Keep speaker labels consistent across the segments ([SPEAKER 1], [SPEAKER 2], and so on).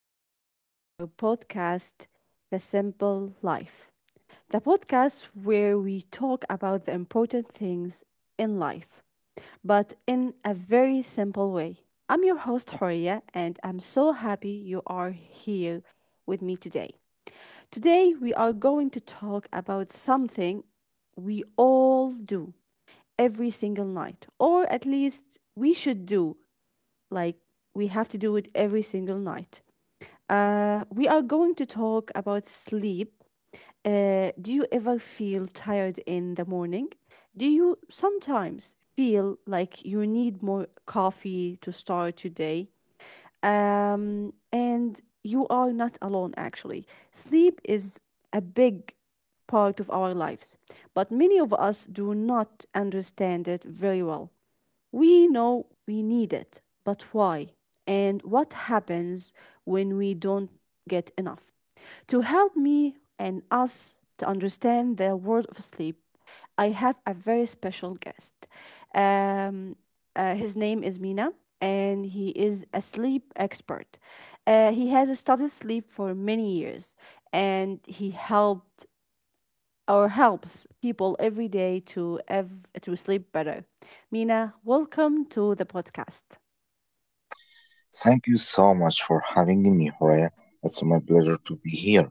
[SPEAKER 1] welcome back to our podcast, The Simple Life. The podcast where we talk about the important things in life, but in a very simple way. I'm your host, Horia, and I'm so happy you are here with me today. Today, we are going to talk about something we all do every single night, or at least we should do, like, we have to do it every single night. We are going to talk about sleep. Do you ever feel tired in the morning? Do you sometimes feel like you need more coffee to start your day? And you are not alone, actually. Sleep is a big part of our lives, but many of us do not understand it very well. We know we need it, but why? And what happens when we don't get enough? To help me and us to understand the world of sleep, I have a very special guest. Um, his name is Mina, and he is a sleep expert. He has studied sleep for many years, and he helped or helps people every day to sleep better. Mina, welcome to the podcast.
[SPEAKER 2] Thank you so much for having me, Horea. It's my pleasure to be here.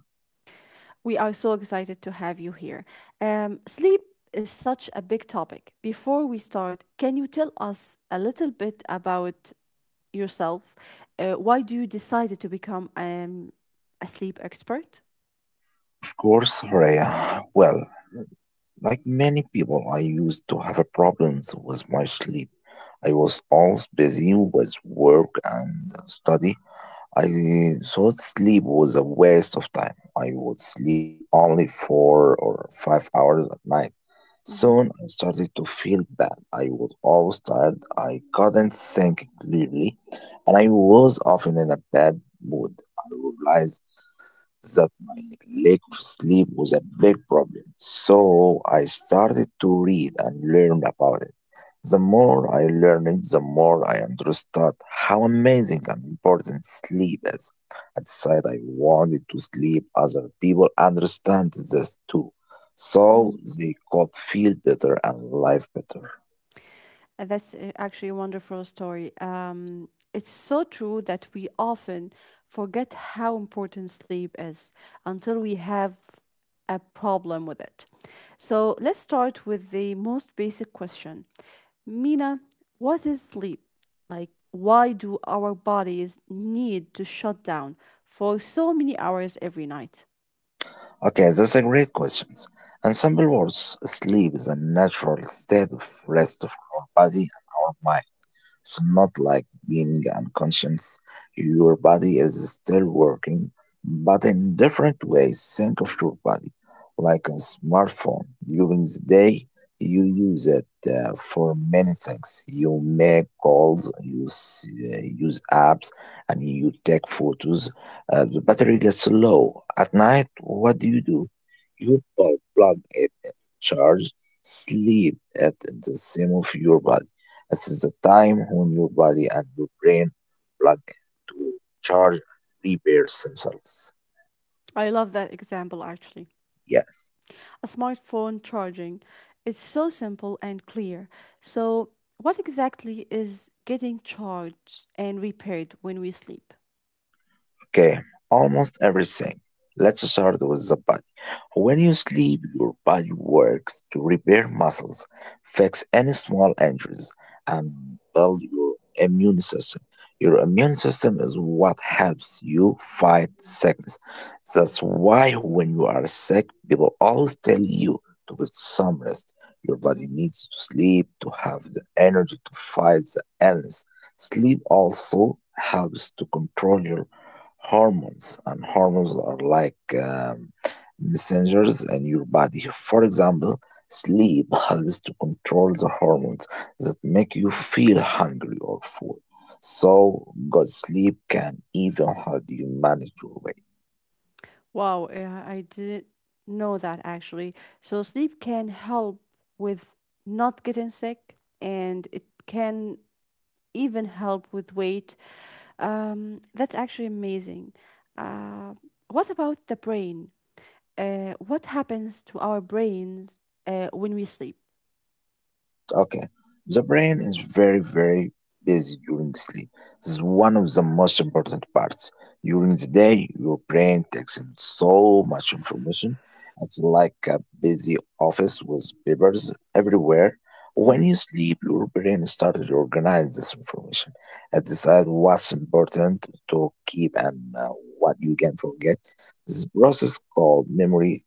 [SPEAKER 1] We are so excited to have you here. Sleep is such a big topic. Before we start, can you tell us a little bit about yourself? Why do you decided to become a sleep expert?
[SPEAKER 2] Of course, Horea. Well, like many people, I used to have problems with my sleep. I was always busy with work and study, I thought sleep was a waste of time. I would sleep only 4 or 5 hours at night.
[SPEAKER 1] Mm-hmm.
[SPEAKER 2] Soon I started to feel bad. I was always tired. I couldn't think clearly, and I was often in a bad mood. I realized that my lack of sleep was a big problem. So I started to read and learn about it. The more I learned, the more I understood how amazing and important sleep is. I decided I wanted to sleep. Other people understand this too, so they could feel better and live better.
[SPEAKER 1] And that's actually a wonderful story. It's so true that we often forget how important sleep is until we have a problem with it. So let's start with the most basic question, Mina, what is sleep? Like, why do our bodies need to shut down for so many hours every night?
[SPEAKER 2] Okay, that's a great question. In simple words, sleep is a natural state of rest for our body and our mind. It's not like being unconscious. Your body is still working, but in different ways. Think of your body like a smartphone. During the day, you use it for many things. You make calls, you use apps, and you take photos. The battery gets low. At night, what do? You plug it in, charge, sleep at the same of your body. This is the time when your body and your brain plug to charge and repair themselves.
[SPEAKER 1] I love that example actually.
[SPEAKER 2] Yes.
[SPEAKER 1] A smartphone charging. It's so simple and clear. So, what exactly is getting charged and repaired when we sleep?
[SPEAKER 2] Okay, almost everything. Let's start with the body. When you sleep, your body works to repair muscles, fix any small injuries, and build your immune system. Your immune system is what helps you fight sickness. That's why when you are sick, people always tell you to get some rest. Your
[SPEAKER 1] Mhm.
[SPEAKER 2] body needs to sleep to have the energy to fight the illness. Sleep also helps to control your hormones, and hormones are like um, messengers in your body. For example, sleep helps to control the hormones that make you feel hungry or full. So, good sleep can even help you manage your weight.
[SPEAKER 1] Wow, yeah, I didn't know that actually. So, sleep can help with not getting sick and it can even help with weight. That's actually amazing. Uh, what about the brain? What happens to our brains when we sleep?
[SPEAKER 2] Okay. The brain is very, very busy during sleep. This is one of the most important parts. During the day, your brain takes in so much information. It's like a busy office with papers everywhere. When
[SPEAKER 1] Mhm.
[SPEAKER 2] you sleep, your brain starts to organize this information and decide what's important to keep and what you can forget. This process called memory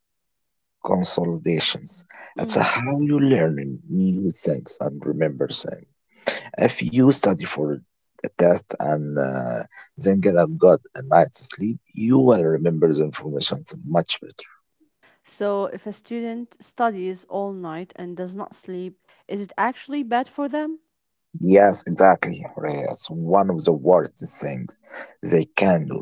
[SPEAKER 2] consolidations. It's
[SPEAKER 1] Mm.
[SPEAKER 2] how you learn new things and remember things. If you study for a test and then get a good night's sleep, you will remember the information much better.
[SPEAKER 1] So, if a student studies all night and does not sleep, is it actually bad for them?
[SPEAKER 2] Yes, exactly. Right. It's one of the worst things they can do.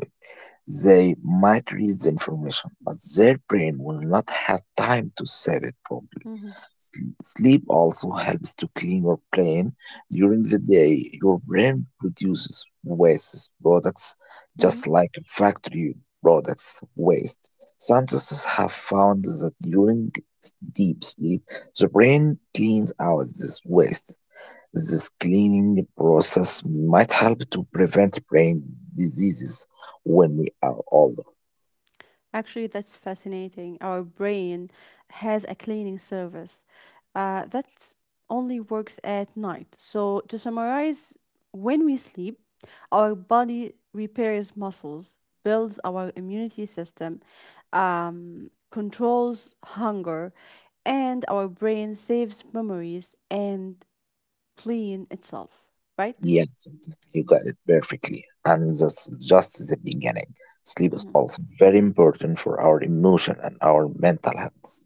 [SPEAKER 2] They might read the information, but their brain will not have time to save it properly.
[SPEAKER 1] Hmm.
[SPEAKER 2] Sl- Sleep also helps to clean your brain. During the day, your brain produces waste products
[SPEAKER 1] Hmm.
[SPEAKER 2] just like factory products waste. Scientists have found that during deep sleep, the brain cleans out this waste. This cleaning process might help to prevent brain diseases when we are older.
[SPEAKER 1] Actually, that's fascinating. Our brain has a cleaning service that only works at night. So, to summarize, when we sleep, our body repairs muscles, builds our immunity system, controls hunger, and our brain saves memories and clean itself, right?
[SPEAKER 2] Yes, exactly. You got it perfectly. And that's just the beginning. Sleep is
[SPEAKER 1] Mhm.
[SPEAKER 2] also very important for our emotion and our mental health.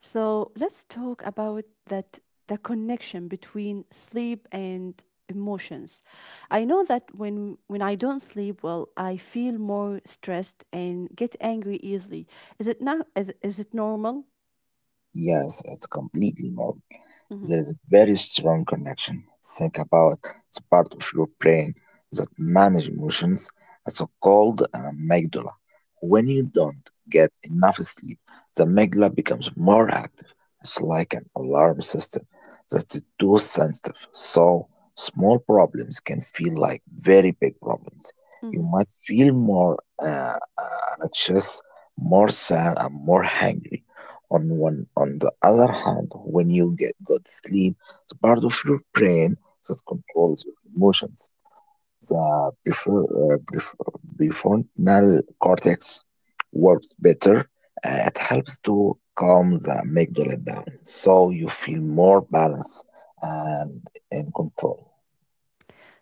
[SPEAKER 1] So let's talk about that, the connection between sleep and emotions. I know that when I don't sleep well, I feel more stressed and get angry easily. Is it not is, is it normal?
[SPEAKER 2] Yes, it's completely normal.
[SPEAKER 1] Mhm.
[SPEAKER 2] There is a very strong connection. Think about the part of your brain that manages emotions. It's called an amygdala. When you don't get enough sleep, the amygdala becomes more active. It's like an alarm system that's too sensitive. So small problems can feel like very big problems. You
[SPEAKER 1] Mhm.
[SPEAKER 2] might feel more anxious, more sad, and more hungry. On one, on the other hand, when you get good sleep, the part of your brain that controls your emotions, the prefrontal cortex, works better. It helps to calm the amygdala down, so you feel more balanced and in control.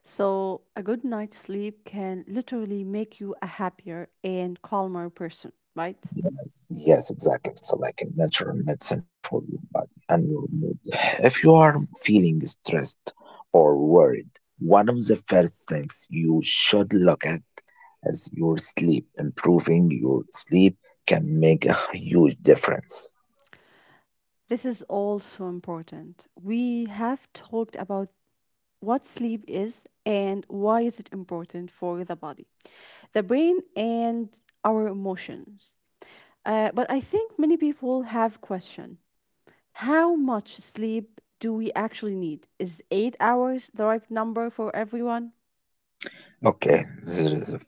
[SPEAKER 1] So a good night's sleep can literally make you a happier and calmer person, right?
[SPEAKER 2] Yes, exactly. It's like a natural medicine for your body and your mood. If you are feeling stressed or worried, one of the first things you should look at is your sleep. Improving your sleep can make a huge difference.
[SPEAKER 1] This is also important. We have talked about what sleep is and why is it important for the body, the brain, and our emotions. But I think many people have question: How much sleep do we actually need? Is 8 hours the right number for everyone?
[SPEAKER 2] Okay, this is a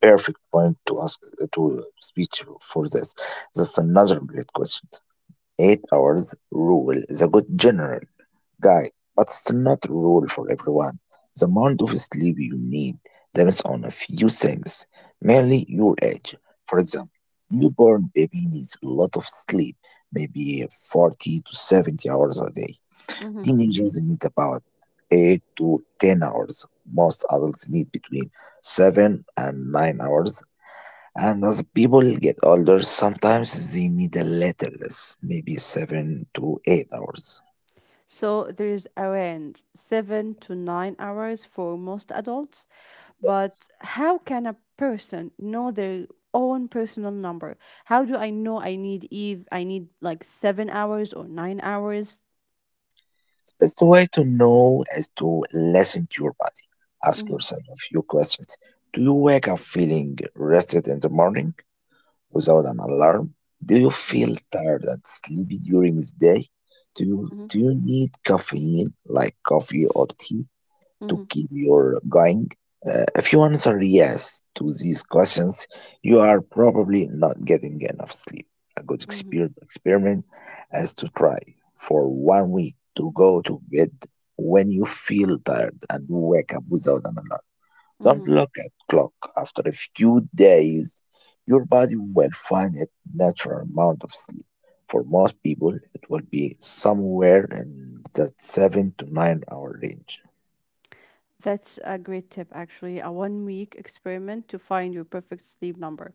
[SPEAKER 2] perfect point to ask to speech for this. That's another great question. 8 hours rule is a good general Guy, but it's not rule for everyone. The amount of sleep you need depends on a few things, mainly your age. For example, newborn baby needs a lot of sleep, maybe 40 to 70 hours a day.
[SPEAKER 1] Mm-hmm.
[SPEAKER 2] Teenagers need about 8 to 10 hours. Most adults need between 7 and 9 hours. And as people get older, sometimes they need a little less, maybe 7 to 8 hours.
[SPEAKER 1] So there is around 7 to 9 hours for most adults. But how can a person know their own personal number? How do I know I need Eve? I need like 7 hours or 9 hours?
[SPEAKER 2] It's the way to know is to listen to your body. Ask
[SPEAKER 1] Mm-hmm,
[SPEAKER 2] yourself a few questions. Do you wake up feeling rested in the morning without an alarm? Do you
[SPEAKER 1] mm-hmm,
[SPEAKER 2] feel tired and sleepy during the day?
[SPEAKER 1] mm-hmm,
[SPEAKER 2] Do you need caffeine like coffee or tea to
[SPEAKER 1] mm-hmm,
[SPEAKER 2] keep your going. If you answer yes to these questions, you are probably not getting enough sleep. A good experiment is to try for 1 week to go to bed when you feel tired and wake up without an alarm. Don't
[SPEAKER 1] mm-hmm.
[SPEAKER 2] look at clock. After a few days, your body will find its natural amount of sleep. For most people, it will be somewhere in the 7 to 9 hour range.
[SPEAKER 1] That's a great tip, actually. A 1 week experiment to find your perfect sleep number.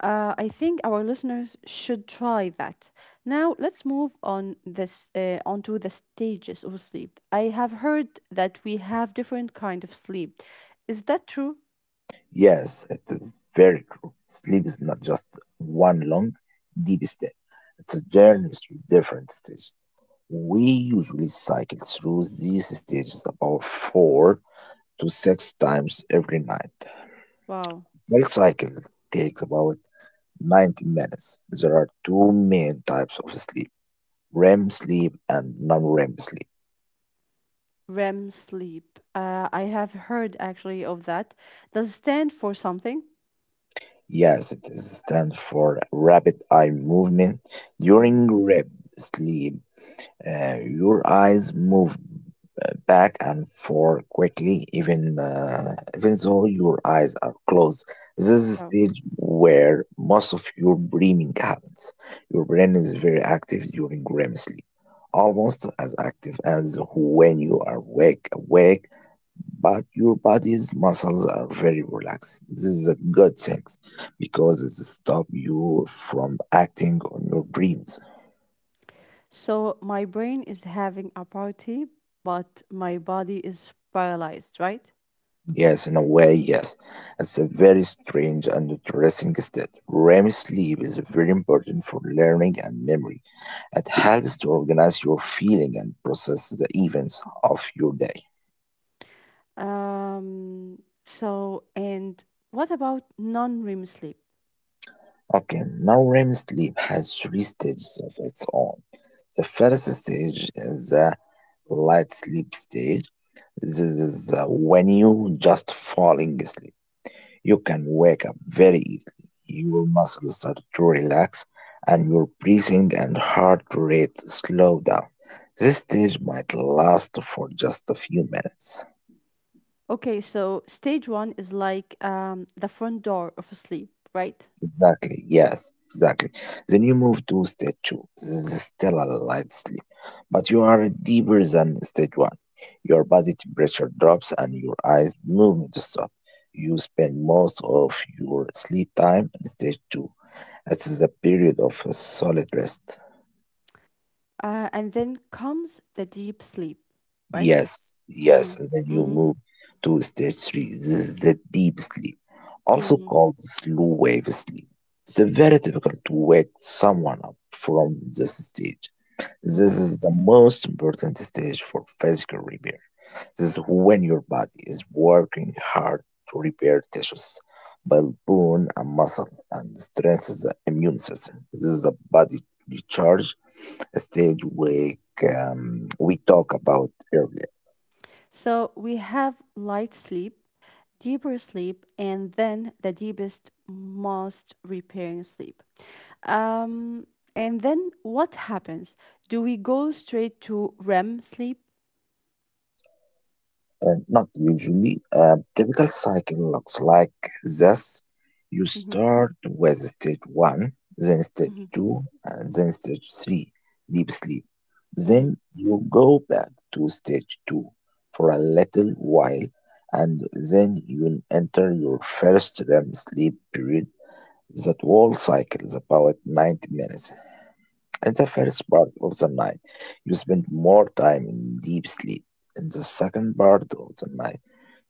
[SPEAKER 1] I think our listeners should try that. Now let's move on this onto the stages of sleep. I have heard that we have different kind of sleep. Is that true?
[SPEAKER 2] Yes, it is very true. Sleep is not just one long, deep step. It's a
[SPEAKER 1] Hmm.
[SPEAKER 2] journey through different stages. We usually cycle through these stages about four to six times every night.
[SPEAKER 1] Wow.
[SPEAKER 2] Full cycle takes about 90 minutes. There are two main types of sleep: REM sleep and non REM sleep.
[SPEAKER 1] REM sleep. I have heard actually of that. Does it stand for something?
[SPEAKER 2] Yes, it is stands for rapid eye movement.
[SPEAKER 1] Mm-hmm.
[SPEAKER 2] During REM sleep, your eyes move back and forth quickly, even though your eyes are closed. This is the stage where most of your dreaming happens. Your brain is very active during REM sleep, almost as active as when you are awake. Awake, but your body's muscles are very relaxed. This is a good thing because it stops you from acting on your dreams.
[SPEAKER 1] So my brain is having a party, but my body is paralyzed, right?
[SPEAKER 2] Yes, in a way. It's a very strange and interesting state. REM sleep is very important for learning and memory. It helps to organize your feeling and process the events of your day.
[SPEAKER 1] Um, so, and what about non REM sleep?
[SPEAKER 2] Okay, now REM sleep has three stages of its own. The first stage is the light sleep stage. This is when you just falling asleep. You can wake up very easily. Your muscles start to relax and your breathing and heart rate slow down. This stage might last for just a few minutes.
[SPEAKER 1] Okay, so stage one is like the front door of sleep, right?
[SPEAKER 2] Exactly, yes. Then you move to stage two. This is still a light sleep, but you are deeper than stage one. Your body temperature drops and your eyes movement stop. You spend most of your sleep time in stage two. It's the period of a solid rest.
[SPEAKER 1] And then comes the deep sleep, right?
[SPEAKER 2] Yes,
[SPEAKER 1] Mm-hmm,
[SPEAKER 2] yes, and then you
[SPEAKER 1] mm-hmm,
[SPEAKER 2] move to stage three. This is the deep sleep, also
[SPEAKER 1] mm-hmm,
[SPEAKER 2] called slow wave sleep. It's very difficult to wake someone up from this stage.
[SPEAKER 1] mm-hmm.
[SPEAKER 2] This is the most important stage for physical repair. This is when your body is working hard to repair tissues, build bone and muscle, and strengthen the immune system. This is the body recharge stage we talk about earlier.
[SPEAKER 1] So we have light sleep, deeper sleep, and then the deepest, most repairing sleep. Um, and then what happens? Do we go straight to REM sleep?
[SPEAKER 2] Not usually. A typical cycle looks like this. You
[SPEAKER 1] Hmm.
[SPEAKER 2] start with stage 1, then stage
[SPEAKER 1] Hmm.
[SPEAKER 2] 2, and then stage 3, deep sleep.
[SPEAKER 1] Hmm.
[SPEAKER 2] Then you go back to stage 2 for a little while, and then you enter your first REM sleep period. That whole cycle is about 90 minutes. In the first part of the night, you spend more time in deep sleep in the second part of the night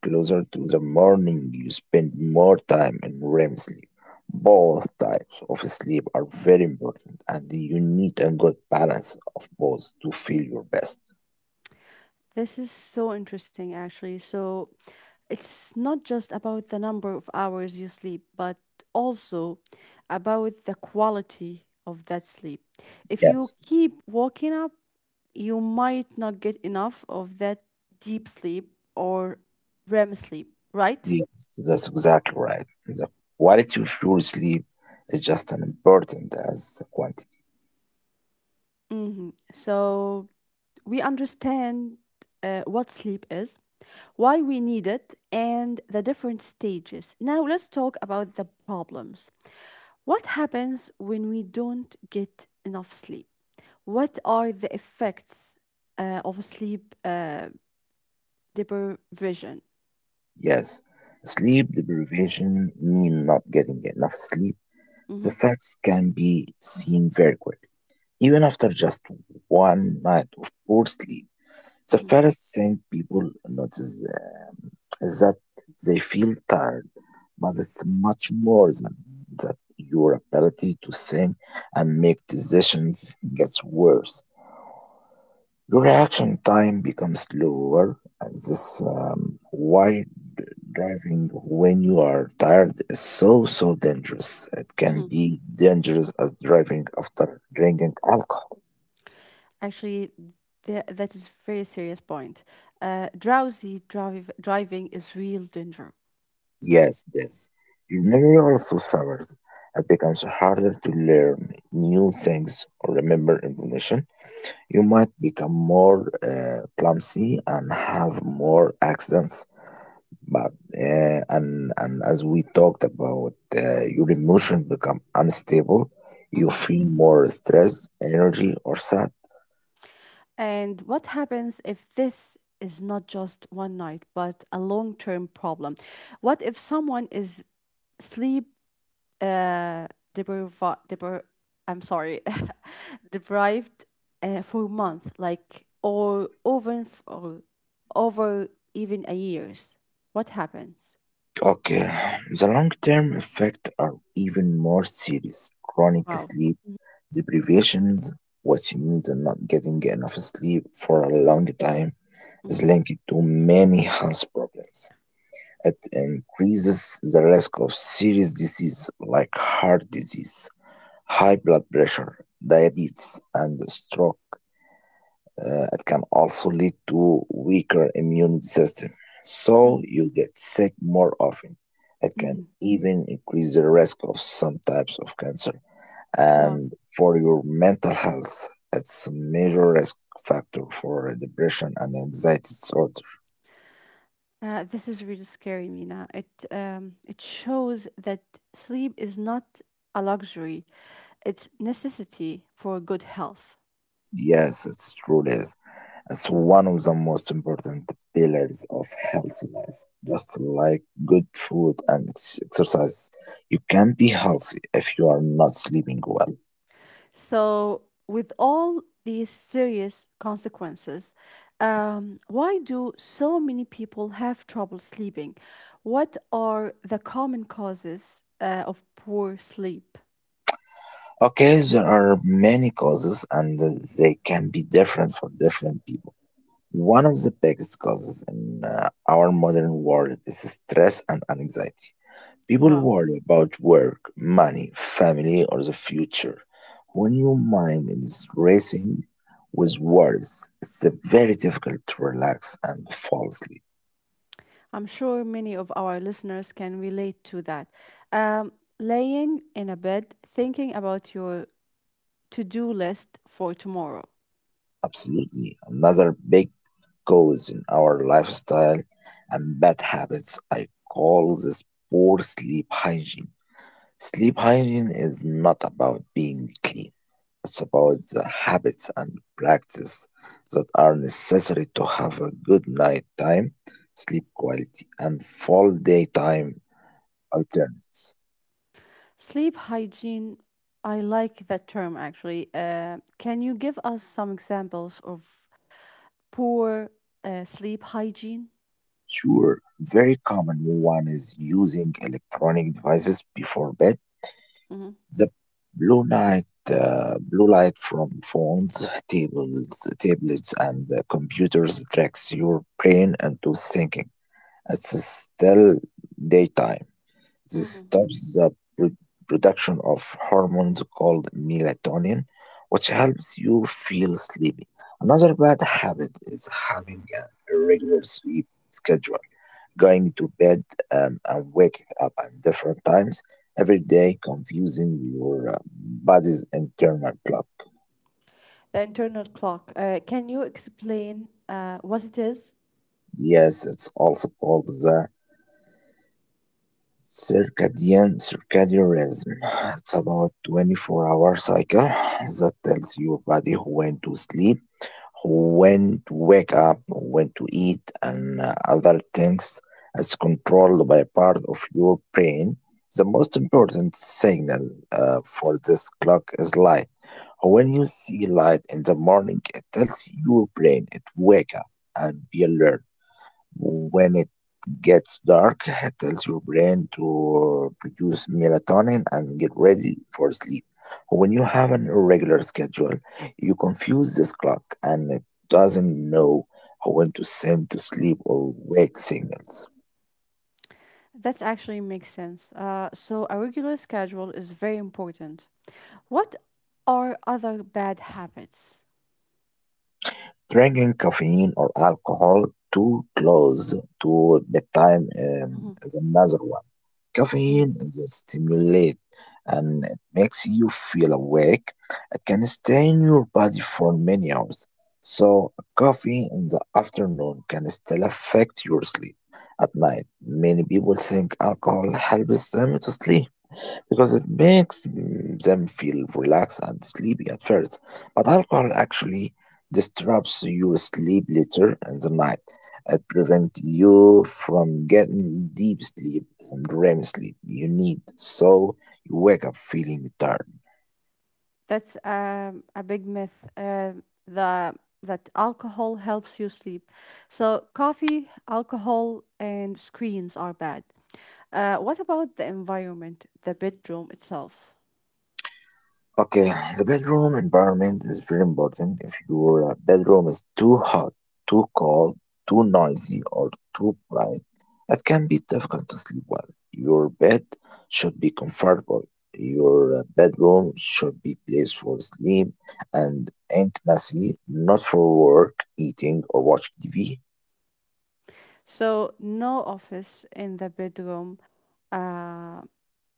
[SPEAKER 2] closer to the morning, you spend more time in REM sleep. Both types of sleep are very important, and you need a good balance of both to feel your best.
[SPEAKER 1] This is so interesting, actually. So it's not just about the number of hours you sleep, but also about the quality of that sleep. If you
[SPEAKER 2] Yes,
[SPEAKER 1] keep waking up, you might not get enough of that deep sleep or REM sleep, right?
[SPEAKER 2] yes, that's exactly right. The quality of your sleep is just as important as the quantity.
[SPEAKER 1] Hmm. So we understand what sleep is, why we need it, and the different stages. Now, let's talk about the problems. What happens when we don't get enough sleep? What are the effects of sleep deprivation?
[SPEAKER 2] Yes, sleep deprivation means not getting enough sleep. The
[SPEAKER 1] Mhm,
[SPEAKER 2] facts can be seen very quickly. Even after just one night of poor sleep, the
[SPEAKER 1] mhm,
[SPEAKER 2] first thing people notice is that they feel tired, but it's much more than that. Your ability to think and make decisions gets worse. Your reaction time becomes lower, and this why d- driving when you are tired is so so dangerous. It can
[SPEAKER 1] mhm.
[SPEAKER 2] be dangerous as driving after drinking alcohol.
[SPEAKER 1] Actually, that is very serious point. Drowsy drive driving is real danger.
[SPEAKER 2] Yes. Your memory also suffers. It becomes harder to learn new things or remember information. You might become more clumsy and have more accidents. But and as we talked about, your emotion become unstable. You
[SPEAKER 1] Mm-hmm.
[SPEAKER 2] feel more stressed, energy, or sad.
[SPEAKER 1] And what happens if this is not just one night, but a long term problem? What if someone is sleep uh, depriva- depri- I'm sorry, deprived for a month, like or over even a years? What happens?
[SPEAKER 2] Okay, the long-term effects are even more serious. Chronic
[SPEAKER 1] Wow.
[SPEAKER 2] sleep deprivation, which means not getting enough sleep for a long time, is
[SPEAKER 1] Hmm.
[SPEAKER 2] linked to many health problems. It increases the risk of serious disease like heart disease, high blood pressure, diabetes, and stroke. It can also lead to weaker immune system, so
[SPEAKER 1] Hmm.
[SPEAKER 2] you get sick more often. It can
[SPEAKER 1] Hmm.
[SPEAKER 2] even increase the risk of some types of cancer
[SPEAKER 1] Wow.
[SPEAKER 2] and for your mental health. It's a major risk factor for depression and anxiety disorder.
[SPEAKER 1] This is really scary, Mina. It shows that sleep is not a luxury; it's necessity for good health.
[SPEAKER 2] Yes, it's truly is. It's one of the most important pillars of healthy life. Just like good food and exercise, you can be healthy if you are not sleeping well.
[SPEAKER 1] So, with all these serious consequences, why do so many people have trouble sleeping? What are the common causes of poor sleep?
[SPEAKER 2] Okay, there are many causes and they can be different for different people. One of the biggest causes in our modern world is stress and anxiety. People
[SPEAKER 1] Wow.
[SPEAKER 2] worry about work, money, family, or the future. When your mind is racing with worries, it's very difficult to relax and fall asleep.
[SPEAKER 1] I'm sure many of our listeners can relate to that. Um, Laying in a bed, thinking about your to do list for tomorrow.
[SPEAKER 2] Absolutely. Another big cause in our lifestyle and bad habits, I call this poor sleep hygiene. Sleep hygiene is not about being clean. It's
[SPEAKER 1] Mm.
[SPEAKER 2] about the habits and practices that are necessary to have a good night time, sleep quality, and full daytime alternates.
[SPEAKER 1] Sleep hygiene, I like that term actually. Can you give us some examples of poor sleep hygiene?
[SPEAKER 2] Sure, very common one is using electronic devices before bed.
[SPEAKER 1] Mhm.
[SPEAKER 2] The blue light, blue light from phones, tables, tablets, and computers tricks your brain into thinking it's still daytime. This stops the pro- production of hormones called melatonin, which helps you feel sleepy. Another bad habit is having an irregular sleep schedule, going to bed and waking up at different times every day, confusing your body's internal clock.
[SPEAKER 1] The internal clock. Can you explain what it is.
[SPEAKER 2] Yes, it's also called the circadian rhythm. It's about 24-hour cycle that tells your body when to sleep, when to wake up, when to eat, and other things is controlled by part of your brain. The most important signal for this clock is light. When you see light in the morning, it tells your brain it wake up and be alert. When it gets dark, it tells your brain to produce melatonin and get ready for sleep. When you have an irregular schedule, you confuse this clock and it doesn't know when to send to sleep or wake signals.
[SPEAKER 1] That actually makes sense. So a regular schedule is very important. What are other bad habits?
[SPEAKER 2] Drinking caffeine or alcohol too close to bedtime
[SPEAKER 1] Mhm,
[SPEAKER 2] is another one.
[SPEAKER 1] mhm.
[SPEAKER 2] Caffeine is a stimulant and it makes you feel awake. It can stay in your body for many hours. So, coffee in the afternoon can still affect your sleep at night. Many people think alcohol helps them to sleep because it makes them feel relaxed and sleepy at first. But alcohol actually disrupts your sleep later in the night. It prevents you from getting deep sleep and REM sleep you need, so you wake up feeling tired.
[SPEAKER 1] That's a big myth. The That alcohol helps you sleep. So coffee, alcohol, and screens are bad. What about the environment, the bedroom itself?
[SPEAKER 2] Okay, the bedroom environment is very important. If your bedroom is too hot, too cold, too noisy, or too bright, it can be difficult to sleep well. Your bed should be comfortable. Your bedroom should be place for sleep and intimacy, not for work, eating, or watching TV.
[SPEAKER 1] So no office in the bedroom. Uh,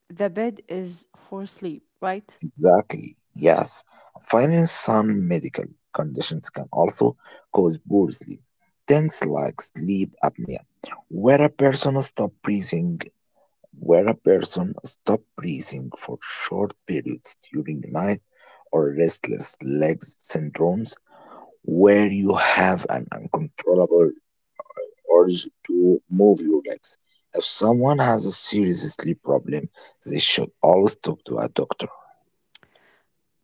[SPEAKER 1] the bed is for sleep, right?
[SPEAKER 2] Exactly, yes. Finally, some medical conditions can also cause poor sleep. Things like sleep apnea, where a person stop breathing, where a person stop breathing for short periods during night, or restless legs syndromes, where you have an uncontrollable urge to move your legs. If someone has a serious sleep problem, they should always talk to a doctor.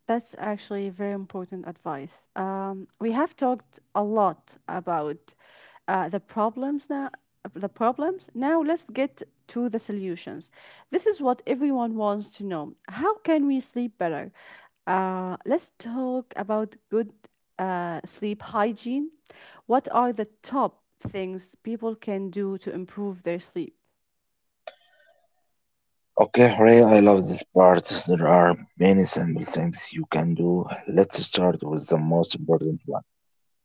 [SPEAKER 1] That's actually very important advice. We have talked a lot about the problems now. The problems. Now let's get to the solutions. This is what everyone wants to know. How can we sleep better? Let's talk about good sleep hygiene. What are the top things people can do to improve their sleep?
[SPEAKER 2] Okay, hooray, I love this part. There are many simple things you can do. Let's start with the most important one.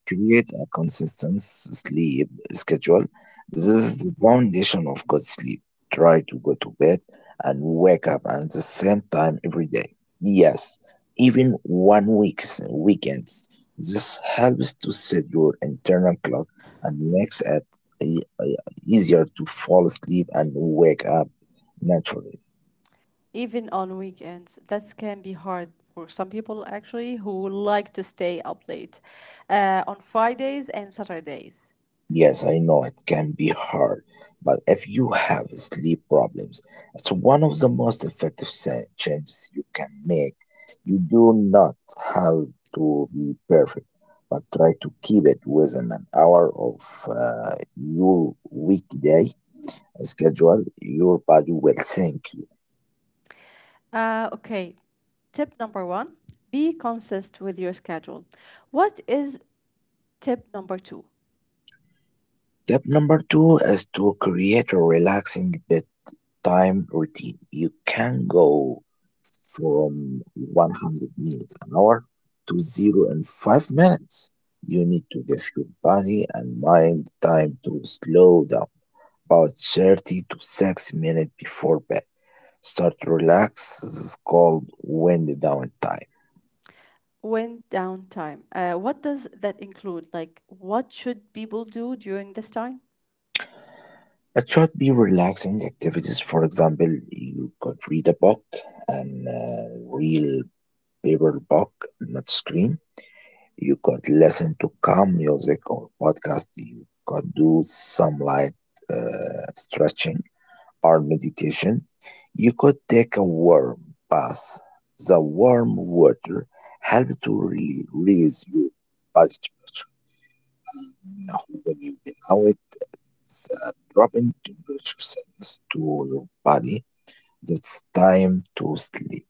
[SPEAKER 2] Create a consistent sleep schedule. This is the foundation of good sleep. Try to go to bed and wake up at the same time every day. Yes, even 1 weeks weekends. This helps to set your internal clock and makes it e- e- easier to fall asleep and wake up naturally.
[SPEAKER 1] Even on weekends. That can be hard for some people actually who like to stay up late on Fridays and Saturdays.
[SPEAKER 2] Yes, I know it can be hard, but if you have sleep problems, it's one of the most effective changes you can make. You do not have to be perfect, but try to keep it within an hour of your weekday schedule. Your body will thank you.
[SPEAKER 1] Okay, tip number one, be consistent with your schedule. What is tip number two?
[SPEAKER 2] Step number two is to create a relaxing bedtime time routine. You can go from 100 minutes an hour to zero in 5 minutes. You need to give your body and mind time to slow down about 30 to 6 minutes before bed. Start relax, this is called wind down time.
[SPEAKER 1] When downtime. What does that include? Like, what should people do during this time?
[SPEAKER 2] It should be relaxing activities. For example, you could read a book and real paper book, not screen. You could listen to calm music or podcast. You could do some light stretching or meditation. You could take a warm bath. The warm water helps to release your body temperature. And when you allow it, the dropping temperature signals to your body that's time to sleep.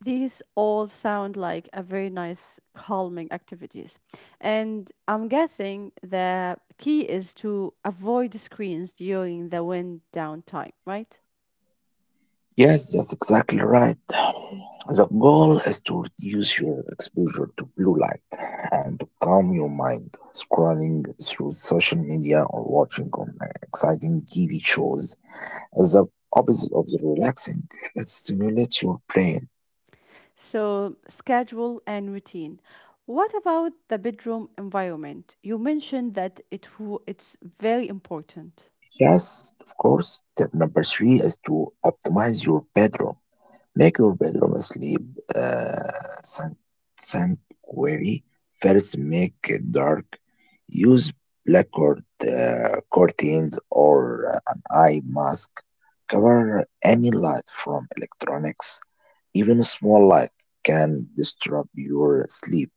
[SPEAKER 1] These all sound like a very nice calming activities. And I'm guessing the key is to avoid screens during the wind down time, right?
[SPEAKER 2] Yes, that's exactly right. The goal is to reduce your exposure to blue light and to calm your mind. Scrolling through social media or watching on exciting TV shows is the opposite of the relaxing. It stimulates your brain.
[SPEAKER 1] So, schedule and routine. What about the bedroom environment? You mentioned that it's very important.
[SPEAKER 2] Yes, of course. Tip number three is to optimize your bedroom. Make your bedroom a sleep uh, san- sanctuary. First, make it dark. Use black curtains or an eye mask. Cover any light from electronics. Even small light can disrupt your sleep.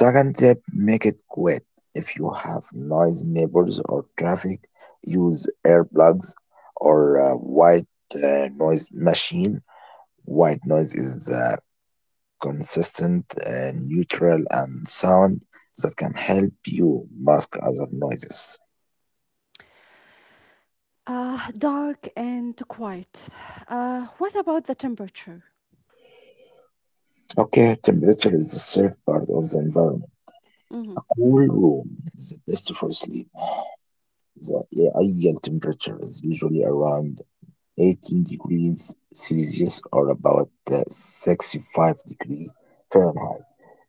[SPEAKER 2] Second tip, make it quiet. If you have noisy neighbors or traffic, use earplugs or a white noise machine. White noise is consistent, neutral, and sound that can help you mask other noises.
[SPEAKER 1] Dark and quiet. What about the temperature?
[SPEAKER 2] Okay, temperature is the third part of the environment.
[SPEAKER 1] Mm-hmm.
[SPEAKER 2] A cool room is the best for sleep. The ideal temperature is usually around 18 degrees Celsius or about 65 degrees Fahrenheit.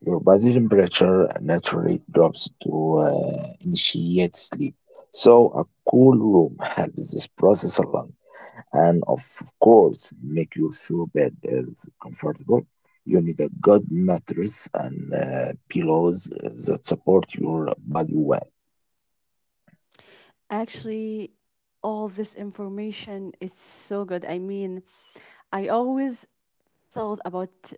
[SPEAKER 2] Your body temperature naturally drops to initiate sleep. So a cool room helps this process along and of course make your sure bed is comfortable. You need a good mattress and pillows that support your body well.
[SPEAKER 1] Actually, all this information is so good. I mean, I always thought about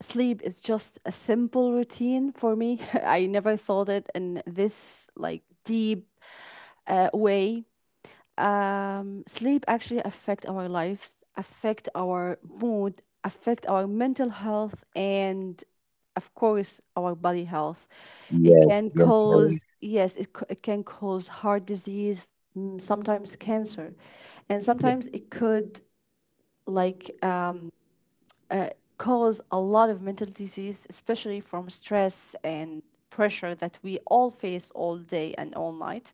[SPEAKER 1] sleep is just a simple routine for me. I never thought it in this like deep way, sleep actually affect our lives, affect our mood, affect our mental health, and of course our body health. It
[SPEAKER 2] Yes,
[SPEAKER 1] can
[SPEAKER 2] yes, Lord.
[SPEAKER 1] cause, yes, it can cause heart disease, mm, sometimes cancer, and
[SPEAKER 2] Yes,
[SPEAKER 1] sometimes it could like cause a lot of mental disease, especially from stress and pressure that we all face all day and all night.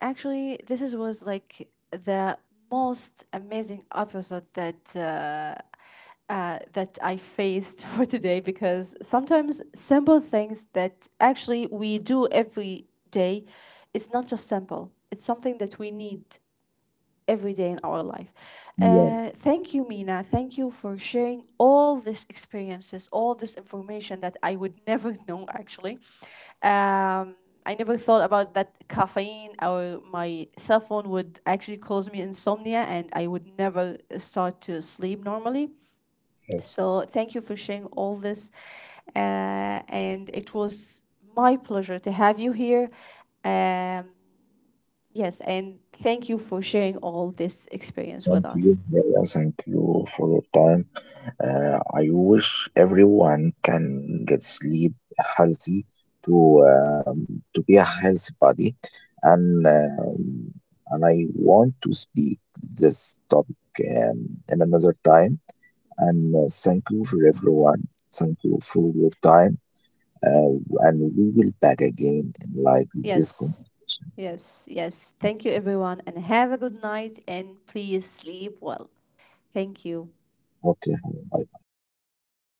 [SPEAKER 1] Actually, this is, was like the most amazing episode that that I faced for today because sometimes simple things that actually we do every day, it's not just simple. It's something that we need every day in our life.
[SPEAKER 2] yes.
[SPEAKER 1] Thank you, Mina. Thank you for sharing all these experiences, all this information that I would never know actually. Um, I never thought about that caffeine or my cell phone would actually cause me insomnia and I would never start to sleep normally.
[SPEAKER 2] Yes.
[SPEAKER 1] So, thank you for sharing all this. Uh, and it was my pleasure to have you here. Um, Yes, and thank you for sharing all this experience
[SPEAKER 2] Thank
[SPEAKER 1] with
[SPEAKER 2] you,
[SPEAKER 1] us.
[SPEAKER 2] Lord. Thank you for your time. I wish everyone can get sleep healthy to be a healthy body, and um, and I want to speak this topic in another time. And thank you for everyone. Thank you for your time. And we will back again in like this
[SPEAKER 1] Yes,
[SPEAKER 2] conversation.
[SPEAKER 1] yes, yes. Thank you, everyone, and have a good night and please sleep well. Thank you.
[SPEAKER 2] Okay, Halim,